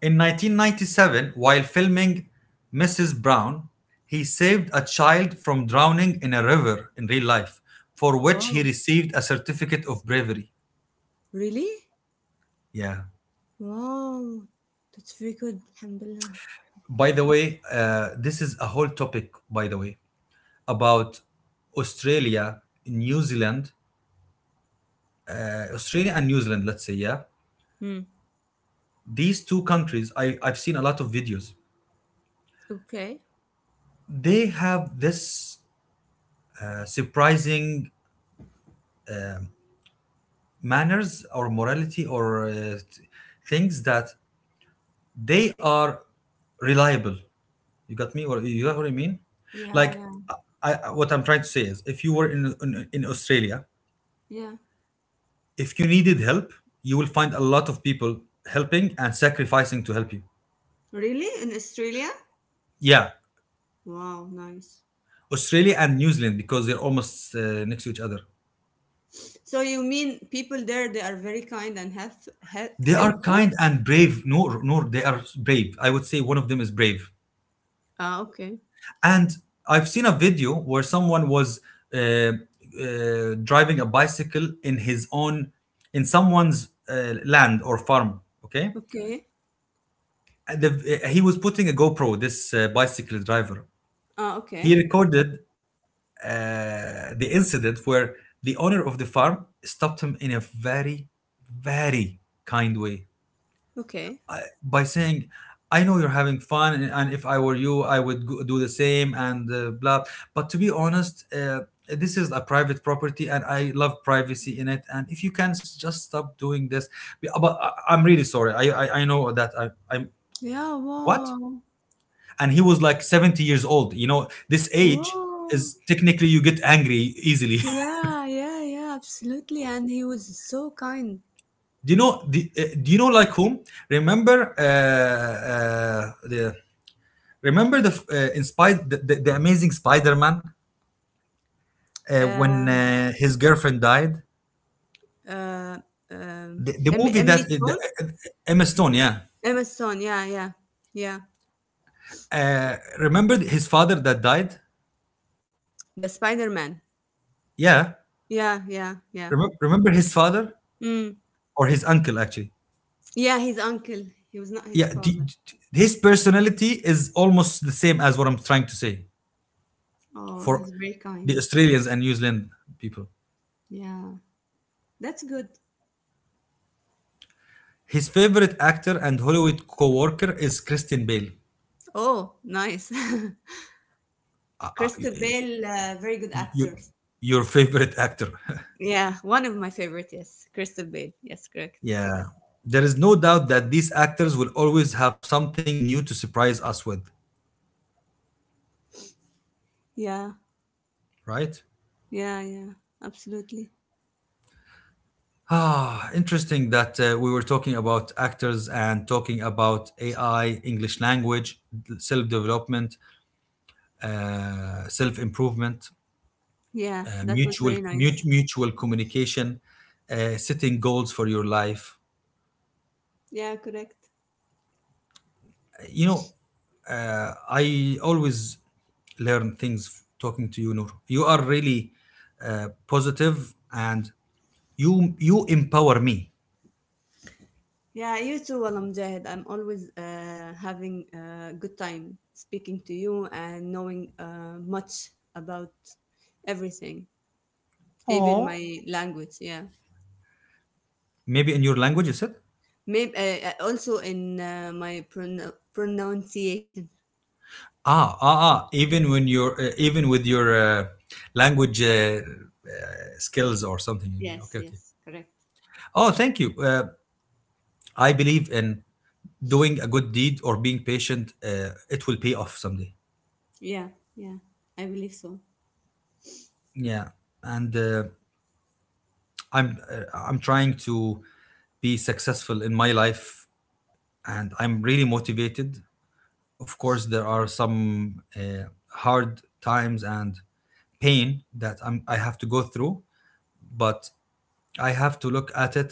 A: In 1997, while filming Mrs. Brown, he saved a child from drowning in a river in real life, for which
B: wow,
A: he received a certificate of bravery.
B: really,
A: Yeah.
B: wow, that's very good, alhamdulillah.
A: By the way, this is a whole topic, by the way, about Australia, New Zealand, Australia and New Zealand, let's say, yeah.
B: Hmm.
A: These two countries, I've seen a lot of videos.
B: Okay.
A: They have this surprising manners or morality or things that they are reliable. You got me? Or you got what I mean?
B: Yeah,
A: Like,
B: yeah,
A: what I'm trying to say is, if you were in Australia,
B: yeah.
A: if you needed help, you will find a lot of people helping and sacrificing to help you.
B: Really? In Australia?
A: Yeah,
B: Wow, nice.
A: Australia and New Zealand because they're almost next to each other.
B: So you mean people there, they are very kind and
A: They are
B: helpful?
A: kind and brave. No, no, they are brave. I would say one of them is brave.
B: Ah, okay.
A: And I've seen a video where someone was uh, driving a bicycle in his own, in someone's land or farm. Okay.
B: Okay.
A: And he was putting a GoPro, this bicycle driver.
B: Ah,
A: He
B: okay.
A: recorded the incident where the owner of the farm stopped him in a very, very kind way.
B: Okay.
A: By saying, I know you're having fun and, if I were you I would go, do the same, and blah, but to be honest this is a private property and I love privacy in it, and if you can just stop doing this. But I'm really sorry, I know that I'm
B: Yeah,
A: what.
B: wow.
A: And he was like 70 years old, you know this age
B: Wow.
A: is technically you get angry easily.
B: Yeah, yeah, yeah, absolutely. And he was so kind.
A: Do you know the, do you know like whom, remember uh, uh, the remember the in the, the amazing Spider-Man when
B: Um,
A: his girlfriend died.
B: uh,
A: The movie that
B: Emily
A: the,
B: Stone?
A: uh, uh, Emma Stone, yeah.
B: Emma Stone, yeah, yeah, yeah.
A: Remember his father that died?
B: The Spider Man.
A: Yeah.
B: Yeah, yeah, yeah.
A: Remember his father,
B: Mm.
A: or his uncle actually?
B: Yeah, his uncle. He was not his
A: Yeah.
B: father.
A: His personality is almost the same as what I'm trying to say
B: Oh, he's
A: for
B: very
A: the
B: kind.
A: Australians and New Zealand people.
B: Yeah, that's good.
A: His favorite actor and Hollywood co-worker is Christian Bale.
B: Oh, nice. Christabel, very good
A: Y- you-
B: actor.
A: your favorite actor.
B: Yeah, one of my favorite. Yes, Christabel. Yes, correct.
A: Yeah. There is no doubt that these actors will always have something new to surprise us with,
B: Yeah,
A: right?
B: yeah, yeah. Absolutely.
A: Ah, interesting that we were talking about actors and talking about AI, English language, self development, self improvement,
B: Yeah, that was very nice.
A: mutual communication, setting goals for your life.
B: Yeah, correct.
A: You know, I always learn things talking to you, Noor. You are really positive and you empower me.
B: Yeah, you too, Wala Mujahid. I'm always having a good time speaking to you and knowing much about everything, even my
A: Oh.
B: language. Yeah.
A: Maybe in your language you said
B: Maybe also in my pronunciation.
A: ah ah ah. Even when you're even with your language skills or something. You mean,
B: Yes,
A: okay okay.
B: yes, correct.
A: Oh, thank you. I believe in doing a good deed or being patient. It will pay off someday.
B: Yeah, yeah, I believe so.
A: Yeah, and I'm trying to be successful in my life, and I'm really motivated. Of course there are some hard times and pain that I have to go through, but I have to look at it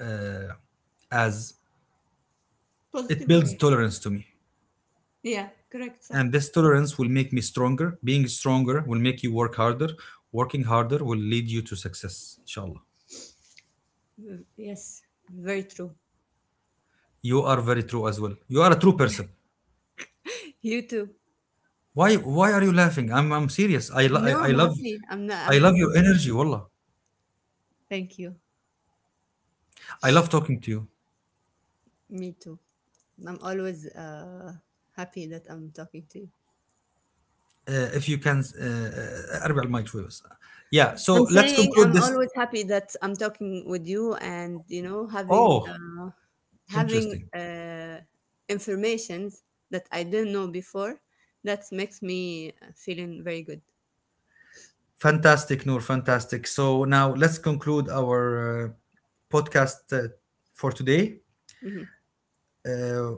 A: uh, as it
B: Positive way.
A: builds tolerance to me,
B: Yeah, correct, sir.
A: and this tolerance will make me stronger. Being stronger will make you work harder, working harder will lead you to success, inshallah.
B: Yes, very true.
A: You are very true as well, you are a true person.
B: You too.
A: Why are you laughing? I'm serious.
B: No,
A: I
B: I'm
A: love,
B: happy. I'm not.
A: I
B: I'm
A: love your
B: happy.
A: energy, wallah.
B: Thank you.
A: I love talking to you.
B: Me too. I'm always happy that I'm talking to you.
A: If you can أربع الميكرويفز, yeah, so
B: I'm
A: let's
B: saying
A: conclude
B: I'm
A: this.
B: always happy that I'm talking with you and having
A: Oh,
B: having
A: interesting.
B: uh, informations that I didn't know before, that makes me feeling very good.
A: Fantastic, Noor, fantastic. So now let's conclude our podcast for today.
B: Hmm.
A: uh,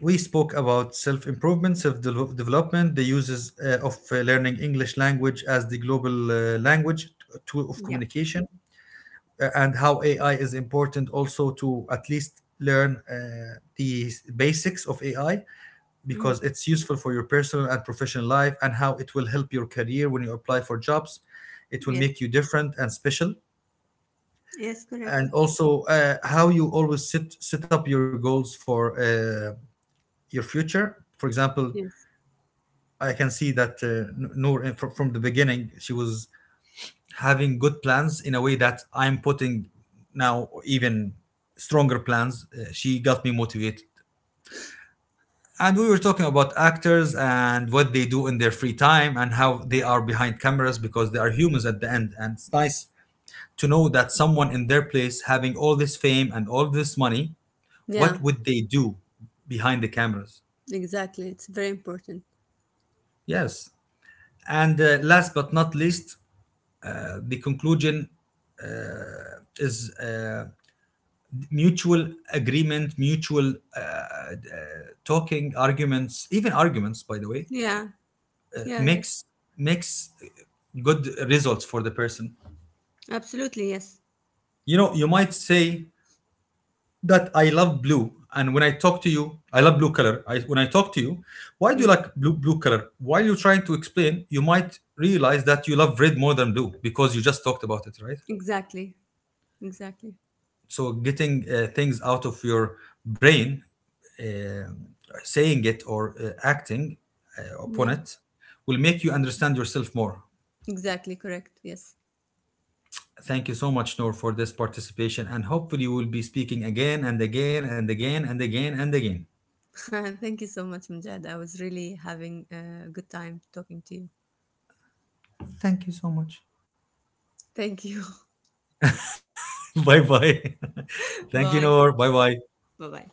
A: we spoke about self-improvement, self-development, the uses of learning English language as the global language tool of
B: Yeah.
A: communication, and how AI is important also to at least learn the basics of AI,
B: Mm.
A: because it's useful for your personal and professional life, and how it will help your career when you apply for jobs. It will
B: Yes.
A: make you different and special.
B: Yes, correct.
A: And also how you always set up your goals for your future. For example,
B: Yes.
A: I can see that Noor from the beginning she was having good plans, in a way that I'm putting now even stronger plans. She got me motivated. And we were talking about actors and what they do in their free time, and how they are behind cameras because they are humans at the end. And it's nice to know that someone in their place having all this fame and all this money,
B: Yeah,
A: what would they do behind the cameras?
B: exactly. It's very important.
A: Yes. And last but not least, the conclusion is mutual agreement, mutual talking, arguments, even arguments, by the way,
B: Yeah. Yeah, yes.
A: makes makes good results for the person.
B: Absolutely, yes.
A: You know, you might say that I love blue, and when I talk to you I love blue color, when I talk to you, why do you
B: Mm,
A: like blue color, while you're trying to explain you might realize that you love red more than blue, because you just talked about it, right?
B: exactly. Exactly.
A: So getting things out of your brain, uh, saying it or acting upon
B: Yeah.
A: it will make you understand yourself more.
B: Exactly. Correct. Yes.
A: Thank you so much, Noor, for this participation, and hopefully we'll be speaking again and again and again and again and again.
B: Thank you so much, Mujad. I was really having a good time talking to you.
A: Thank you so much.
B: Thank you.
A: Bye bye. Thank you,
B: Bye.
A: Noor. Bye bye.
B: Bye bye.